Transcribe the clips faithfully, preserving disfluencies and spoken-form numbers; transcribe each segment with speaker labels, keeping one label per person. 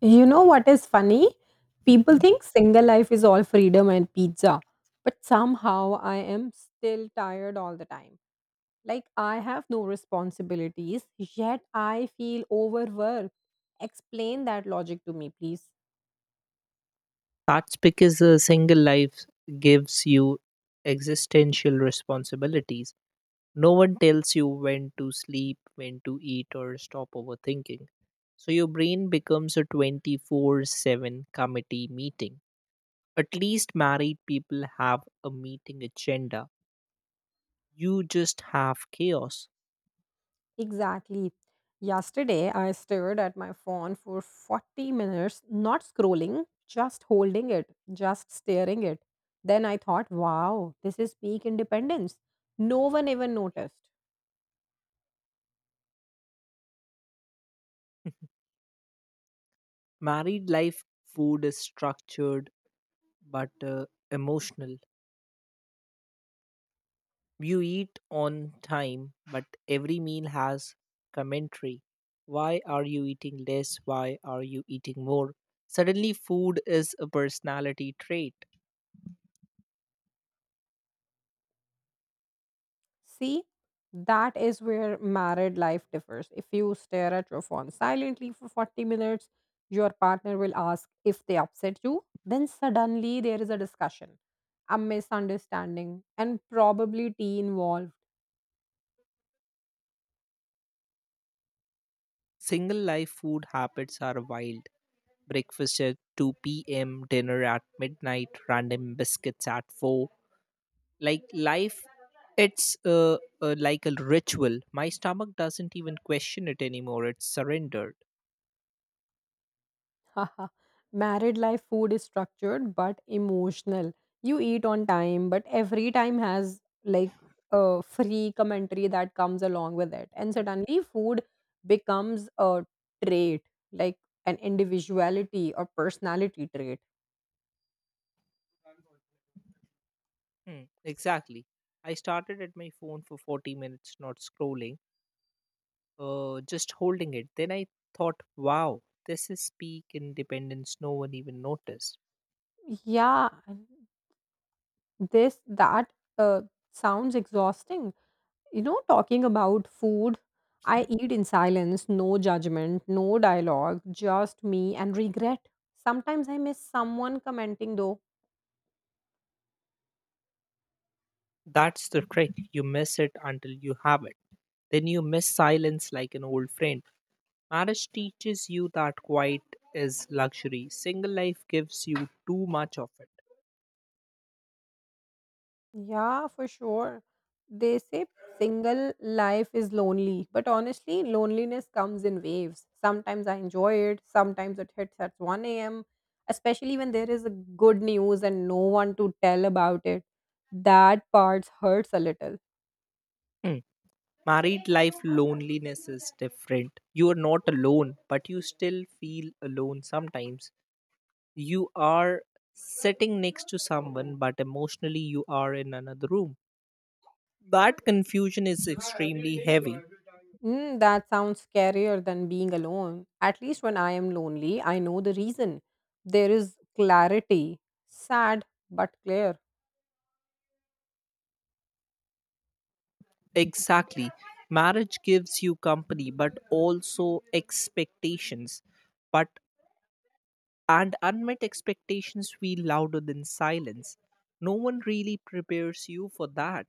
Speaker 1: You know what is funny? People think single life is all freedom and pizza, but somehow I am still tired all the time. Like I have no responsibilities, yet I feel overworked. Explain that logic to me, please.
Speaker 2: That's because a single life gives you existential responsibilities. No one tells you when to sleep, when to eat, or stop overthinking. So your brain becomes a twenty four seven committee meeting. At least married people have a meeting agenda. You just have chaos.
Speaker 1: Exactly. Yesterday, I stared at my phone for forty minutes, not scrolling, just holding it, just staring it. Then I thought, wow, this is peak independence. No one even noticed.
Speaker 2: Married life food is structured but uh, emotional. You eat on time, but every meal has commentary. Why are you eating less? Why are you eating more? Suddenly, food is a personality trait.
Speaker 1: See, that is where married life differs. If you stare at your phone silently for forty minutes, your partner will ask if they upset you. Then suddenly there is a discussion, a misunderstanding, and probably tea involved.
Speaker 2: Single life food habits are wild. Breakfast at two p m, dinner at midnight, random biscuits at four. Like life, it's uh, uh, like a ritual. My stomach doesn't even question it anymore, it's surrendered.
Speaker 1: Haha. Married life food is structured but emotional. You eat on time, but every time has like a free commentary that comes along with it. And suddenly, food becomes a trait, like an individuality or personality trait.
Speaker 2: Hmm, exactly. I started at my phone for forty minutes, not scrolling, uh, just holding it. Then I thought, wow, this is peak independence. No one even noticed.
Speaker 1: Yeah, and this that uh, sounds exhausting. You know, talking about food, I eat in silence, no judgment, no dialogue, just me and regret. Sometimes I miss someone commenting though.
Speaker 2: That's the trick. You miss it until you have it. Then you miss silence like an old friend. Marriage teaches you that quiet is luxury. Single life gives you too much of it.
Speaker 1: Yeah, for sure. They say single life is lonely, but honestly, loneliness comes in waves. Sometimes I enjoy it, sometimes it hits at one a m, especially when there is a good news and no one to tell about it. That part hurts a little.
Speaker 2: Hmm. Married life loneliness is different. You are not alone, but you still feel alone sometimes. You are sitting next to someone, but emotionally you are in another room. That confusion is extremely heavy.
Speaker 1: Mm, that sounds scarier than being alone. At least when I am lonely, I know the reason. There is clarity. Sad, but clear.
Speaker 2: Exactly. Marriage gives you company but also expectations, but and unmet expectations feel louder than silence. No one really prepares you for that.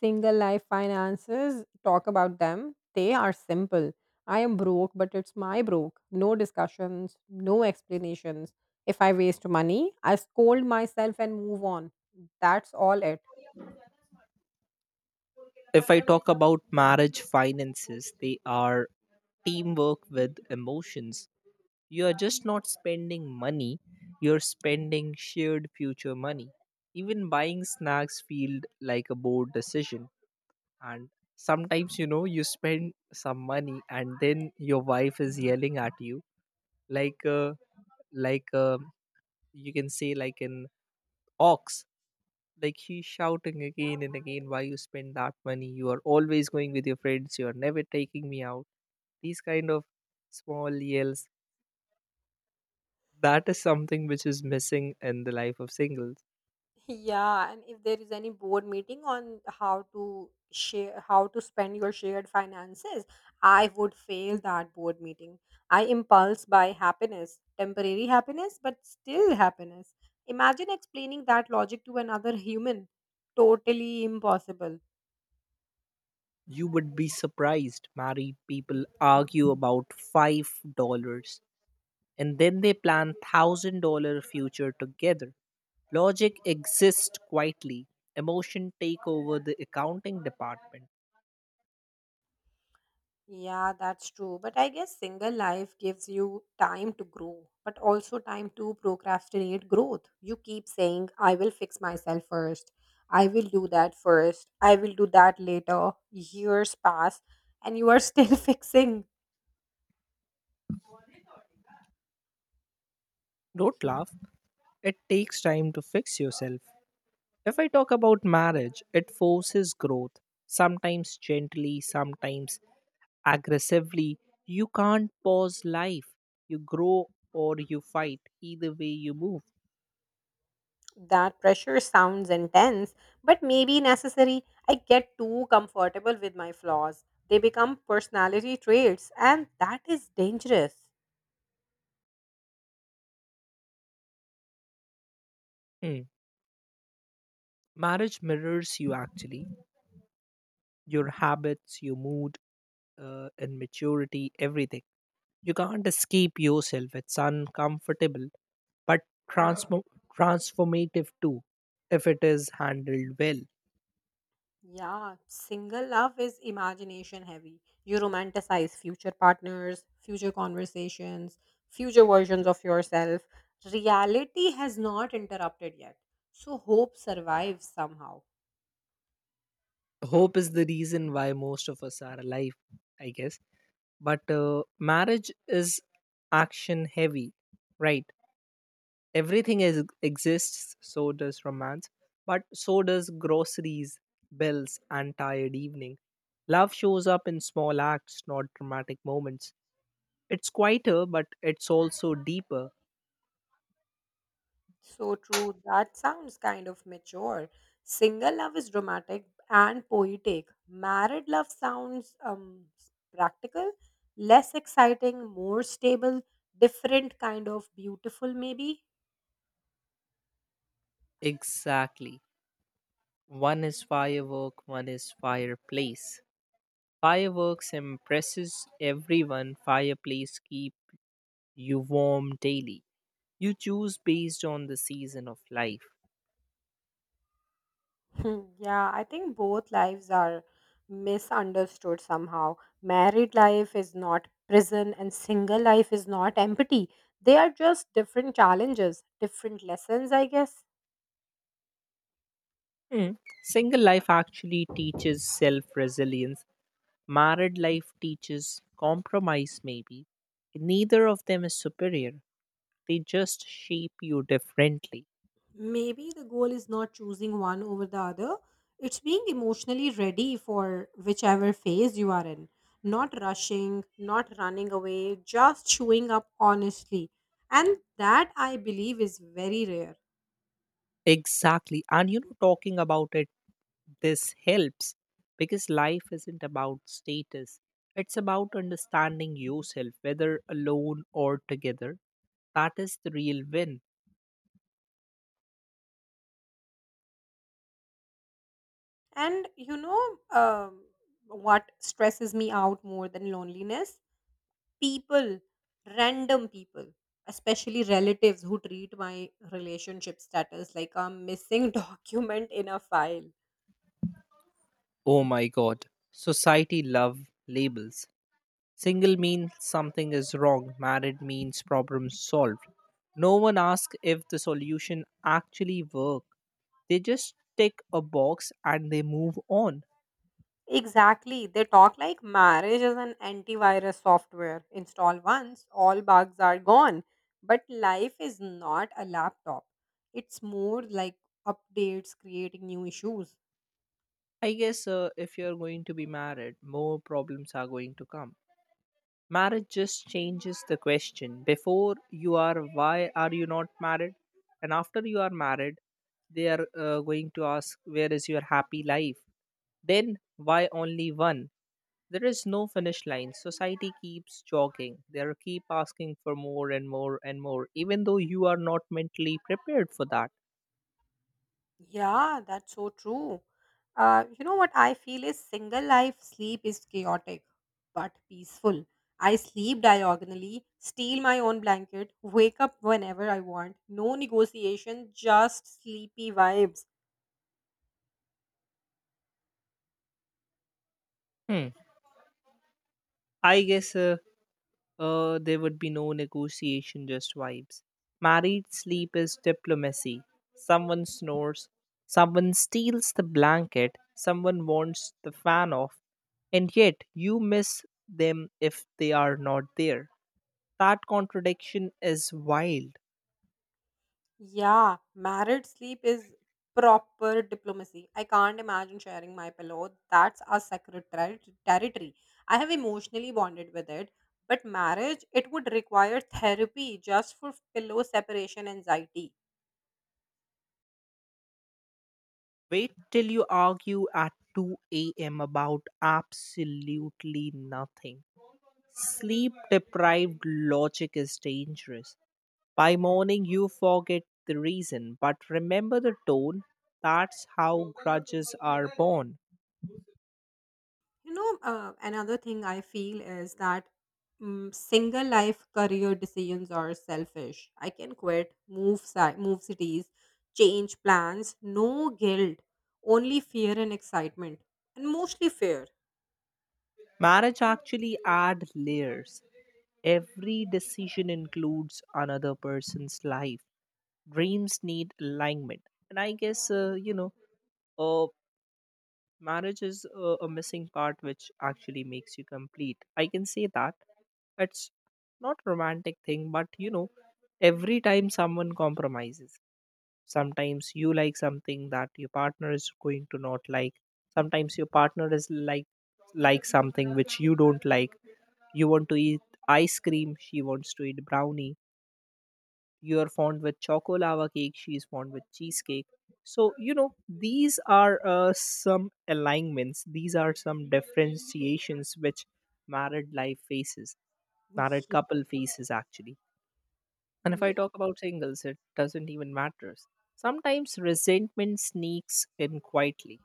Speaker 1: Single life finances, talk about them. They are simple. I am broke, but it's my broke. No discussions, no explanations. If I waste money, I scold myself and move on. That's all it.
Speaker 2: If I talk about marriage finances, they are teamwork with emotions. You are just not spending money, you're spending shared future money. Even buying snacks feel like a bold decision. And sometimes you know you spend some money, and then your wife is yelling at you like uh, like uh, you can say like an ox, like she's shouting again and again, why you spend that money, you are always going with your friends, you are never taking me out. These kind of small yells. That is something which is missing in the life of singles.
Speaker 1: Yeah, and if there is any board meeting on how to share how to spend your shared finances, I would fail that board meeting. I impulse by happiness, temporary happiness, but still happiness. Imagine explaining that logic to another human. Totally impossible.
Speaker 2: You would be surprised. Married people argue about five dollars and then they plan a thousand dollars future together. Logic exists quietly. Emotion take over the accounting department.
Speaker 1: Yeah, that's true. But I guess single life gives you time to grow, but also time to procrastinate growth. You keep saying, I will fix myself first. I will do that first. I will do that later. Years pass and you are still fixing.
Speaker 2: Don't laugh. It takes time to fix yourself. If I talk about marriage, it forces growth. Sometimes gently, sometimes aggressively, you can't pause life. You grow or you fight. Either way, you move.
Speaker 1: That pressure sounds intense, but maybe necessary. I get too comfortable with my flaws. They become personality traits, and that is dangerous.
Speaker 2: Hmm. Marriage mirrors you actually, your habits, your mood, uh, and maturity, everything. You can't escape yourself. It's uncomfortable, but transform- transformative too, if it is handled well.
Speaker 1: Yeah, single love is imagination heavy. You romanticize future partners, future conversations, future versions of yourself. Reality has not interrupted yet. So hope survives somehow.
Speaker 2: Hope is the reason why most of us are alive, I guess. But uh, marriage is action heavy, right? Everything is, exists, so does romance, but so does groceries, bills, and tired evening. Love shows up in small acts, not dramatic moments. It's quieter, but it's also deeper.
Speaker 1: So true. That sounds kind of mature. Single love is dramatic and poetic. Married love sounds um practical, less exciting, more stable, different kind of beautiful maybe.
Speaker 2: Exactly. One is firework, one is fireplace. Fireworks impresses everyone, fireplace keep you warm daily. You choose based on the season of life.
Speaker 1: Hmm. Yeah, I think both lives are misunderstood somehow. Married life is not prison, and single life is not empty. They are just different challenges, different lessons, I guess.
Speaker 2: Hmm. Single life actually teaches self resilience. Married life teaches compromise, maybe. Neither of them is superior. They just shape you differently.
Speaker 1: Maybe the goal is not choosing one over the other, it's being emotionally ready for whichever phase you are in. Not rushing, not running away, just showing up honestly. And that I believe is very rare.
Speaker 2: Exactly. And you know, talking about it, this helps because life isn't about status, it's about understanding yourself, whether alone or together. That is the real win.
Speaker 1: And you know, um, what stresses me out more than loneliness? People, random people, especially relatives who treat my relationship status like a missing document in a file.
Speaker 2: Oh my God. Society love labels. Single means something is wrong, married means problem solved. No one asks if the solution actually work. They just tick a box and they move on.
Speaker 1: Exactly. They talk like marriage is an antivirus software. Install once, all bugs are gone. But life is not a laptop, it's more like updates creating new issues.
Speaker 2: I guess uh, if you're going to be married, more problems are going to come. Marriage just changes the question. Before you are, why are you not married? And after you are married, they are uh, going to ask, where is your happy life? Then, why only one? There is no finish line. Society keeps jogging. They are keep asking for more and more and more, even though you are not mentally prepared for that.
Speaker 1: Yeah, that's so true. Uh, you know what I feel is single life sleep is chaotic but peaceful. I sleep diagonally, steal my own blanket, wake up whenever I want. No negotiation, just sleepy vibes.
Speaker 2: Hmm. I guess uh, uh, there would be no negotiation, just vibes. Married sleep is diplomacy. Someone snores, someone steals the blanket, someone wants the fan off, and yet you miss them if they are not there. That contradiction is wild.
Speaker 1: Yeah, married sleep is proper diplomacy. I can't imagine sharing my pillow. That's our sacred ter- territory. I have emotionally bonded with it, but marriage, it would require therapy just for pillow separation anxiety.
Speaker 2: Wait till you argue at two a m about absolutely nothing. Sleep deprived logic is dangerous. By morning, you forget the reason, but remember the tone. That's how grudges are born.
Speaker 1: You know, uh, another thing I feel is that mm, single life career decisions are selfish. I can quit, move, si- move cities, change plans, no guilt, only fear and excitement, and mostly fear.
Speaker 2: Marriage actually adds layers. Every decision includes another person's life. Dreams need alignment. And I guess, uh, you know, uh, marriage is a, a missing part which actually makes you complete, I can say that. It's not romantic thing, but you know, every time someone compromises, sometimes you like something that your partner is going to not like, sometimes your partner is like like something which you don't like. You want to eat ice cream, she wants to eat brownie. You are fond with choco lava cake, she is fond with cheesecake. So you know, these are uh, some alignments, these are some differentiations which married life faces, married couple faces actually. And if I
Speaker 1: Yeah,
Speaker 2: talk about singles, it doesn't even matter. Sometimes resentment sneaks in quietly.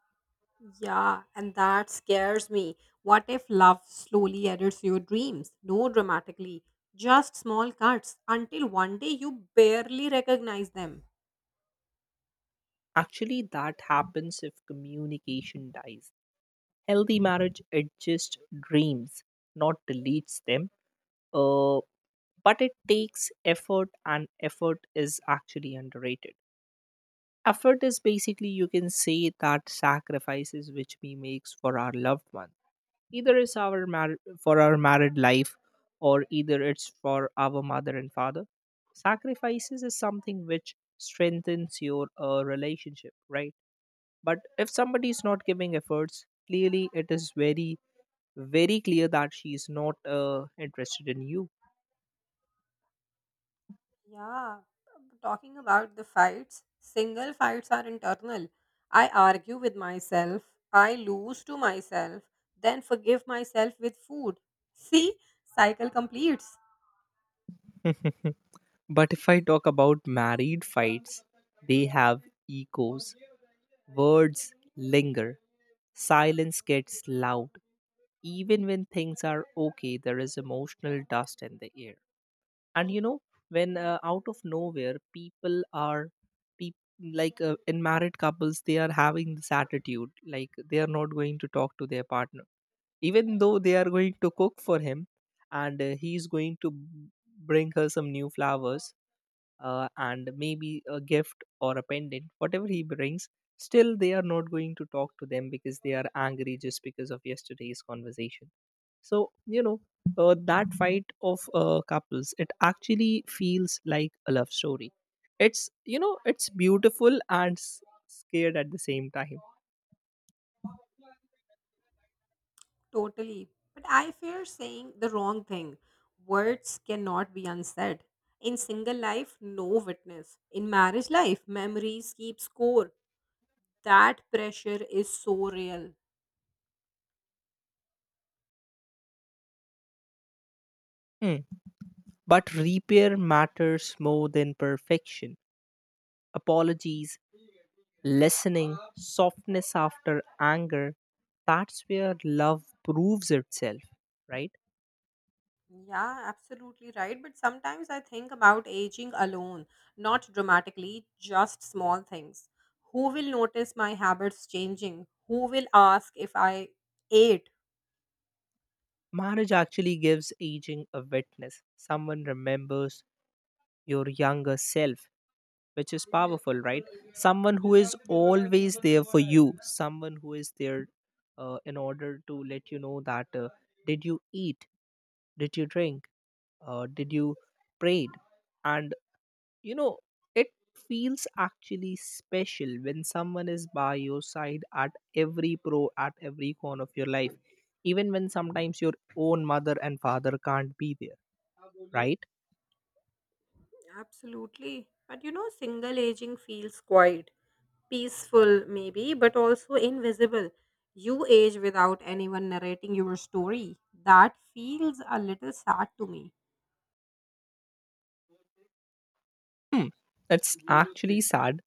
Speaker 1: yeah, and that scares me. What if love slowly edits your dreams? No, dramatically, just small cuts until one day you barely recognize them.
Speaker 2: Actually that happens if communication dies. Healthy marriage it just dreams, not deletes them. uh but it takes effort, and effort is actually underrated. Effort is basically you can say that sacrifices which we makes for our loved one, either it's our mar- for our married life, or either it's for our mother and father. Sacrifices is something which strengthens your uh, relationship, right? But if somebody is not giving efforts, clearly it is very very clear that she is not uh, interested in
Speaker 1: Yeah, talking about the fights, single fights are internal. I argue with myself, I lose to myself, then forgive myself with food. See, cycle completes.
Speaker 2: you. But if I talk about married fights, they have echoes, words linger, silence gets loud. Even when things are okay, there is emotional dust in the air. And you know, when uh, out of nowhere, people are peop like uh, in married couples, they are having this attitude like they are not going to talk to their partner, even though they are going to cook for him, and uh, he is going to b- bring her some new flowers, uh, and maybe a gift or a pendant, whatever he brings, still they are not going to talk to them because they are angry just because of yesterday's conversation. So, you know, uh, that fight of uh, couples, it actually feels like a love story. It's, you know, it's beautiful and s- scared at the same time.
Speaker 1: Totally. But I fear saying the wrong thing. Words cannot be unsaid. In single life, no witness. In marriage life, memories keep score. That pressure is so real.
Speaker 2: Hmm. But repair matters more than perfection. Apologies, listening, softness after anger. That's where love proves itself, right?
Speaker 1: Yeah, absolutely right. But sometimes I think about aging alone, not dramatically, just small things. Who will notice my habits changing? Who will ask if I ate?
Speaker 2: Marriage actually gives aging a witness. Someone remembers your younger self, which is powerful, right? Someone who is always there for you, someone who is there uh, in order to let you know that uh, did you eat, did you drink, uh, did you prayed, and you know, it feels actually special when someone is by your side at every pro at every corner of your life, even when sometimes your own mother and father can't be there, right?
Speaker 1: Absolutely. But you know, single aging feels quiet, peaceful maybe, but also invisible. You age without anyone narrating your story. That feels a little sad to me.
Speaker 2: That's actually sad.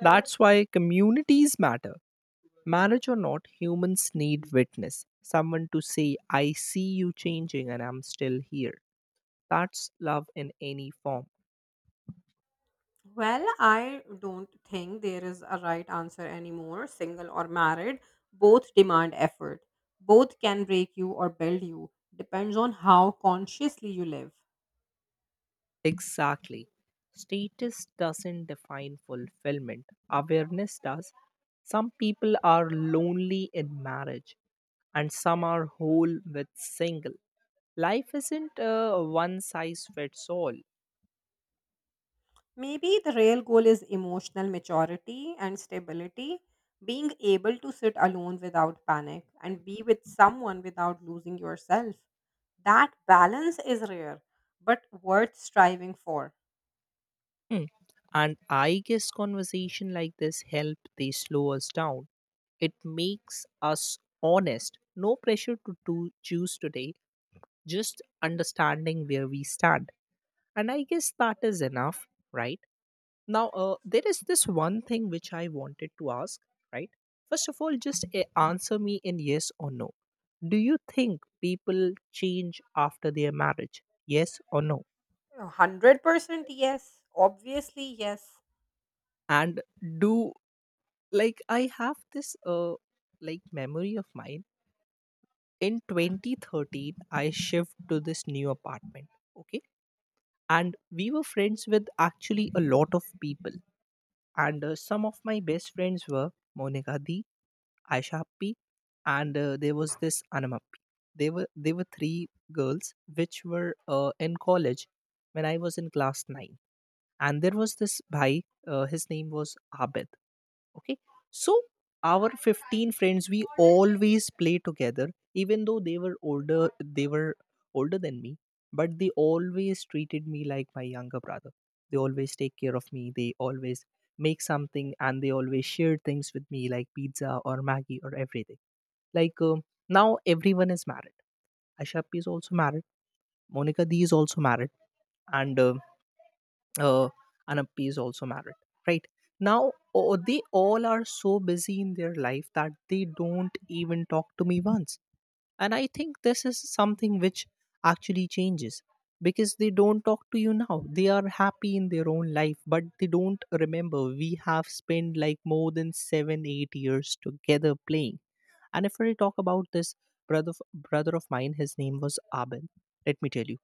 Speaker 2: That's why communities matter. Marriage or not, humans need witness. Someone to say, I see you changing and I'm still here. That's love in any form.
Speaker 1: Well, I don't think there is a right answer anymore, single or married. Both demand effort. Both can break you or build you. Depends on how consciously you live.
Speaker 2: Exactly. Status doesn't define fulfillment, awareness does. Some people are lonely in marriage, and some are whole with single. Life isn't a one size fits all.
Speaker 1: Maybe the real goal is emotional maturity and stability, being able to sit alone without panic and be with someone without losing yourself. That balance is rare, but worth striving for.
Speaker 2: Mm. And I guess conversation like this help, they slow us down. It makes us honest. No pressure to do, choose today, just understanding where we stand. And I guess that is enough, right? Now, uh, there is this one thing which I wanted to ask, right? First of all, just uh, answer me in yes or no. Do you think people change after their marriage? Yes or no?
Speaker 1: one hundred percent yes. Obviously, yes.
Speaker 2: And do, like, I have this, uh, like, memory of mine. In twenty thirteen, I shifted to this new apartment, okay? And we were friends with actually a lot of people. And uh, some of my best friends were Monica, Aisha Appi, and uh, there was this Anam Appi. They were they were three girls which were uh, in college when I was in class nine, and there was this bhai. Uh, his name was Abid, okay, so our fifteen friends we always play together, even though they were older, they were older than me, but they always treated me like my younger brother. They always take care of me, they always make something and they always share things with me like pizza or maggie or everything. Like um, now everyone is married. Ashap is also married, Monica d is also married, and uh, uh, Anappi is also married, right? Now, oh, they all are so busy in their life that they don't even talk to me once. And I think this is something which actually changes because they don't talk to you now. They are happy in their own life, but they don't remember we have spent like more than seven, eight years together playing. And if I talk about this brother of, brother of mine, his name was Abel. Let me tell you,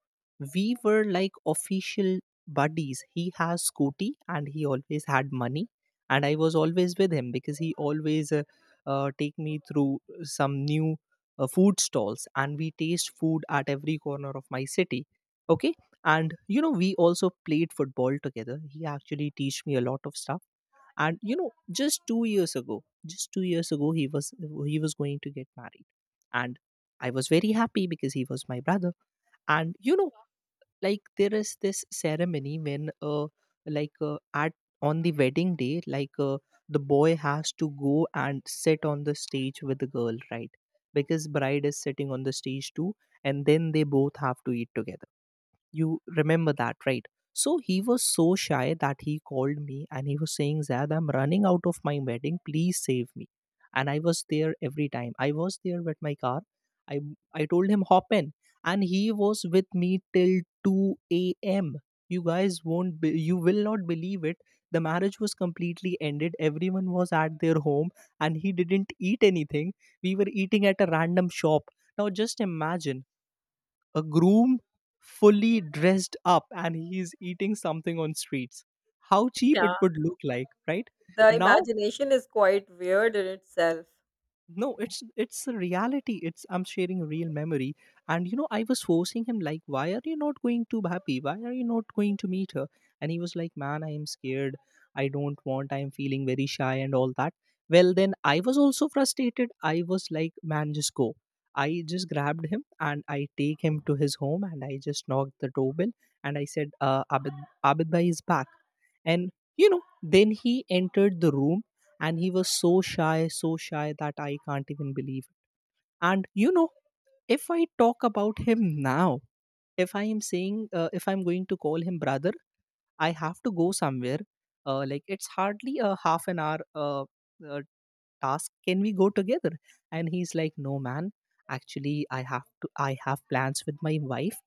Speaker 2: we were like official buddies. He has Scooty, and he always had money, and I was always with him because he always uh, uh, take me through some new uh, food stalls, and we taste food at every corner of my city. Okay, and you know we also played football together. He actually teach me a lot of stuff. And you know, just two years ago, just 2 years ago he was he was going to get married, and I was very happy because he was my brother. And you know, like, there is this ceremony when uh like uh, at on the wedding day, like uh, the boy has to go and sit on the stage with the girl, right? Because bride is sitting on the stage too, and then they both have to eat together. You remember that, right? So he was so shy that he called me and he was saying, Zad, I'm running out of my wedding. Please save me. And I was there every time. I was there with my car. I I told him hop in, and he was with me till two a m. You guys won't. Be, you will not believe it. The marriage was completely ended. Everyone was at their home, and he didn't eat anything. We were eating at a random shop. Now just imagine a groom fully dressed up and he's eating something on streets. How cheap
Speaker 1: Yeah,
Speaker 2: it would look like, right?
Speaker 1: the
Speaker 2: now
Speaker 1: imagination is quite weird in itself.
Speaker 2: no, it's it's a reality. It's I'm sharing a real memory. And you know, I was forcing him like, why are you not going to happy, why are you not going to meet her? And he was like, man, I am scared, I don't want, I am feeling very shy and all that. Well, then I was also frustrated. I was like, man, just go. I just grabbed him and I take him to his home and I just knocked the doorbell, and I said, uh, Abid, Abid bhai is back. And, you know, then he entered the room, and he was so shy, so shy that I can't even believe it. And you know, if I talk about him now, if I am saying, uh, if I'm going to call him brother, I have to go somewhere, uh, like it's hardly a half an hour uh, uh, task, can we go together? And he's like, no man, actually I have to, I have plans with my wife.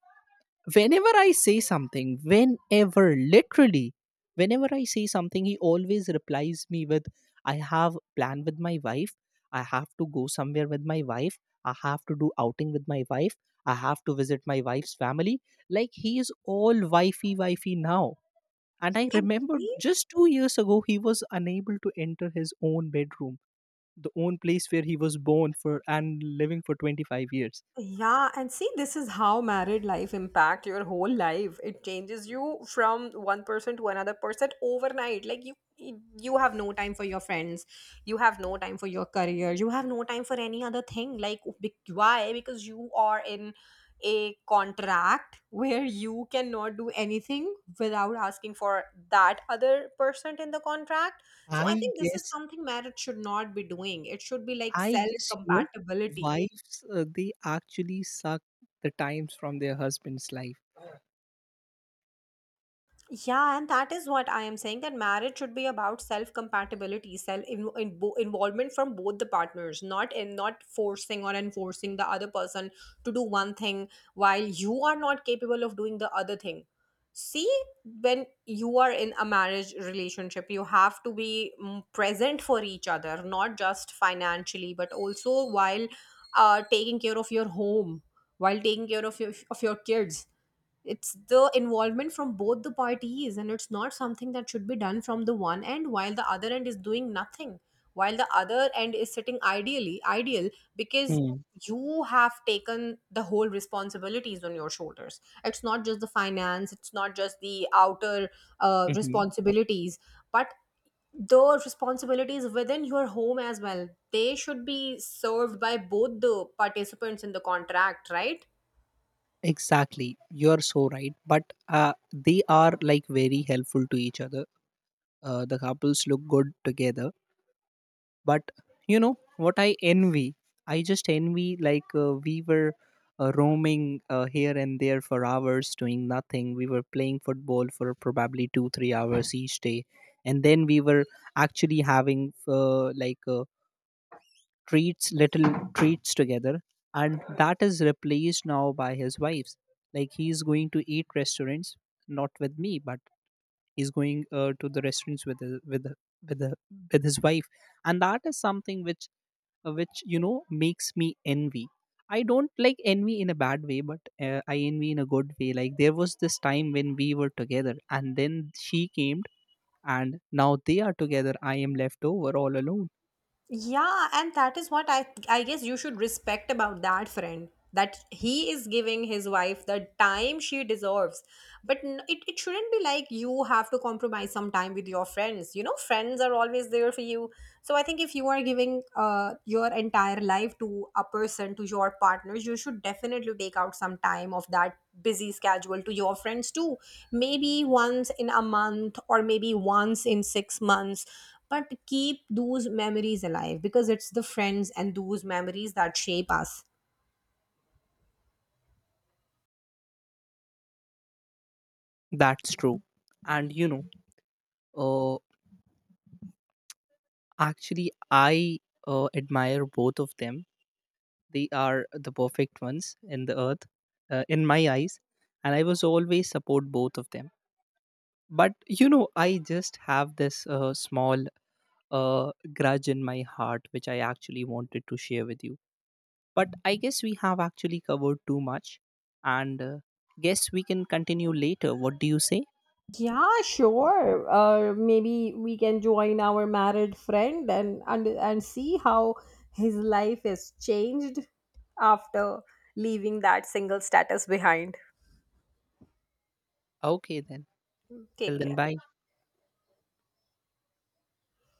Speaker 2: Whenever I say something, whenever, literally, whenever I say something, he always replies me with, I have plan with my wife, I have to go somewhere with my wife, I have to do outing with my wife, I have to visit my wife's family. Like, he is all wifey wifey now. And I
Speaker 1: And
Speaker 2: remember,
Speaker 1: see,
Speaker 2: just two years ago he was unable to enter his own bedroom, the own place where he was born for and living for twenty-five years.
Speaker 1: yeah, and see, this is how married life impact your whole life. It changes you from one person to another person overnight. Like you, you have no time for your friends. You have no time for your career. You have no time for any other thing. Like be- why? Because you are in a contract where you cannot do anything without asking for that other person in the contract. So I
Speaker 2: i
Speaker 1: think this is
Speaker 2: guess
Speaker 1: something marriage should not be doing. It should be like
Speaker 2: I
Speaker 1: self
Speaker 2: guess, you know,
Speaker 1: compatibility.
Speaker 2: wives uh, they actually suck the times from their husband's life.
Speaker 1: Yeah, and that is what I am saying, that marriage should be about self compatibility, self in, in, bo- involvement from both the partners, not in not forcing or enforcing the other person to do one thing while you are not capable of doing the other thing. See, when you are in a marriage relationship, you have to be mm, present for each other, not just financially, but also while uh, taking care of your home, while taking care of your, of your kids. It's the involvement from both the parties, and it's not something that should be done from the one end while the other end is doing nothing, while the other end is sitting ideally ideal, because
Speaker 2: Hmm.
Speaker 1: you have taken the whole responsibilities on your shoulders. It's not just the finance, it's not just the outer uh,
Speaker 2: Mm-hmm.
Speaker 1: responsibilities, but the responsibilities within your home as well, they should be served by both the participants in the contract, right?
Speaker 2: Exactly, you're so right. But uh, they are like very helpful to each other. Uh, the couples look good together, but you know what I envy, I just envy, like, uh, we were uh, roaming uh, here and there for hours doing nothing. We were playing football for probably two three hours each day, and then we were actually having, uh, like uh, treats, little treats together. And that is replaced now by his wife's. Like, he's going to eat restaurants, not with me, but he's going uh, to the restaurants with his, with with the, with his wife. And that is something which uh, which you know makes me envy. I don't like envy in a bad way, but uh, I envy in a good way. Like, there was this time when we were together and then she came, and now they are together. I am left over all alone.
Speaker 1: Yeah, and that is what I I guess you should respect about that friend, that he is giving his wife the time she deserves. But n- it, it shouldn't be like you have to compromise some time with your friends. You know, friends are always there for you. So I think if you are giving uh, your entire life to a person, to your partners, you should definitely take out some time of that busy schedule to your friends too. Maybe once in a month or maybe once in six months, but keep those memories alive, because it's the friends and those memories that shape us.
Speaker 2: That's true. And you know, uh, actually I uh, admire both of them. They are the perfect ones in the earth, uh, in my eyes. And I was always support both of them. But you know, I just have this uh, small uh, grudge in my heart, which I actually wanted to share with you. But I guess we have actually covered too much, and uh, guess we can continue later. What do you say?
Speaker 1: Yeah, sure. Uh, maybe we can join our married friend, and, and and see how his life is changed after leaving that single status behind.
Speaker 2: Okay, then. Till
Speaker 1: Take
Speaker 2: then,
Speaker 1: care.
Speaker 2: bye.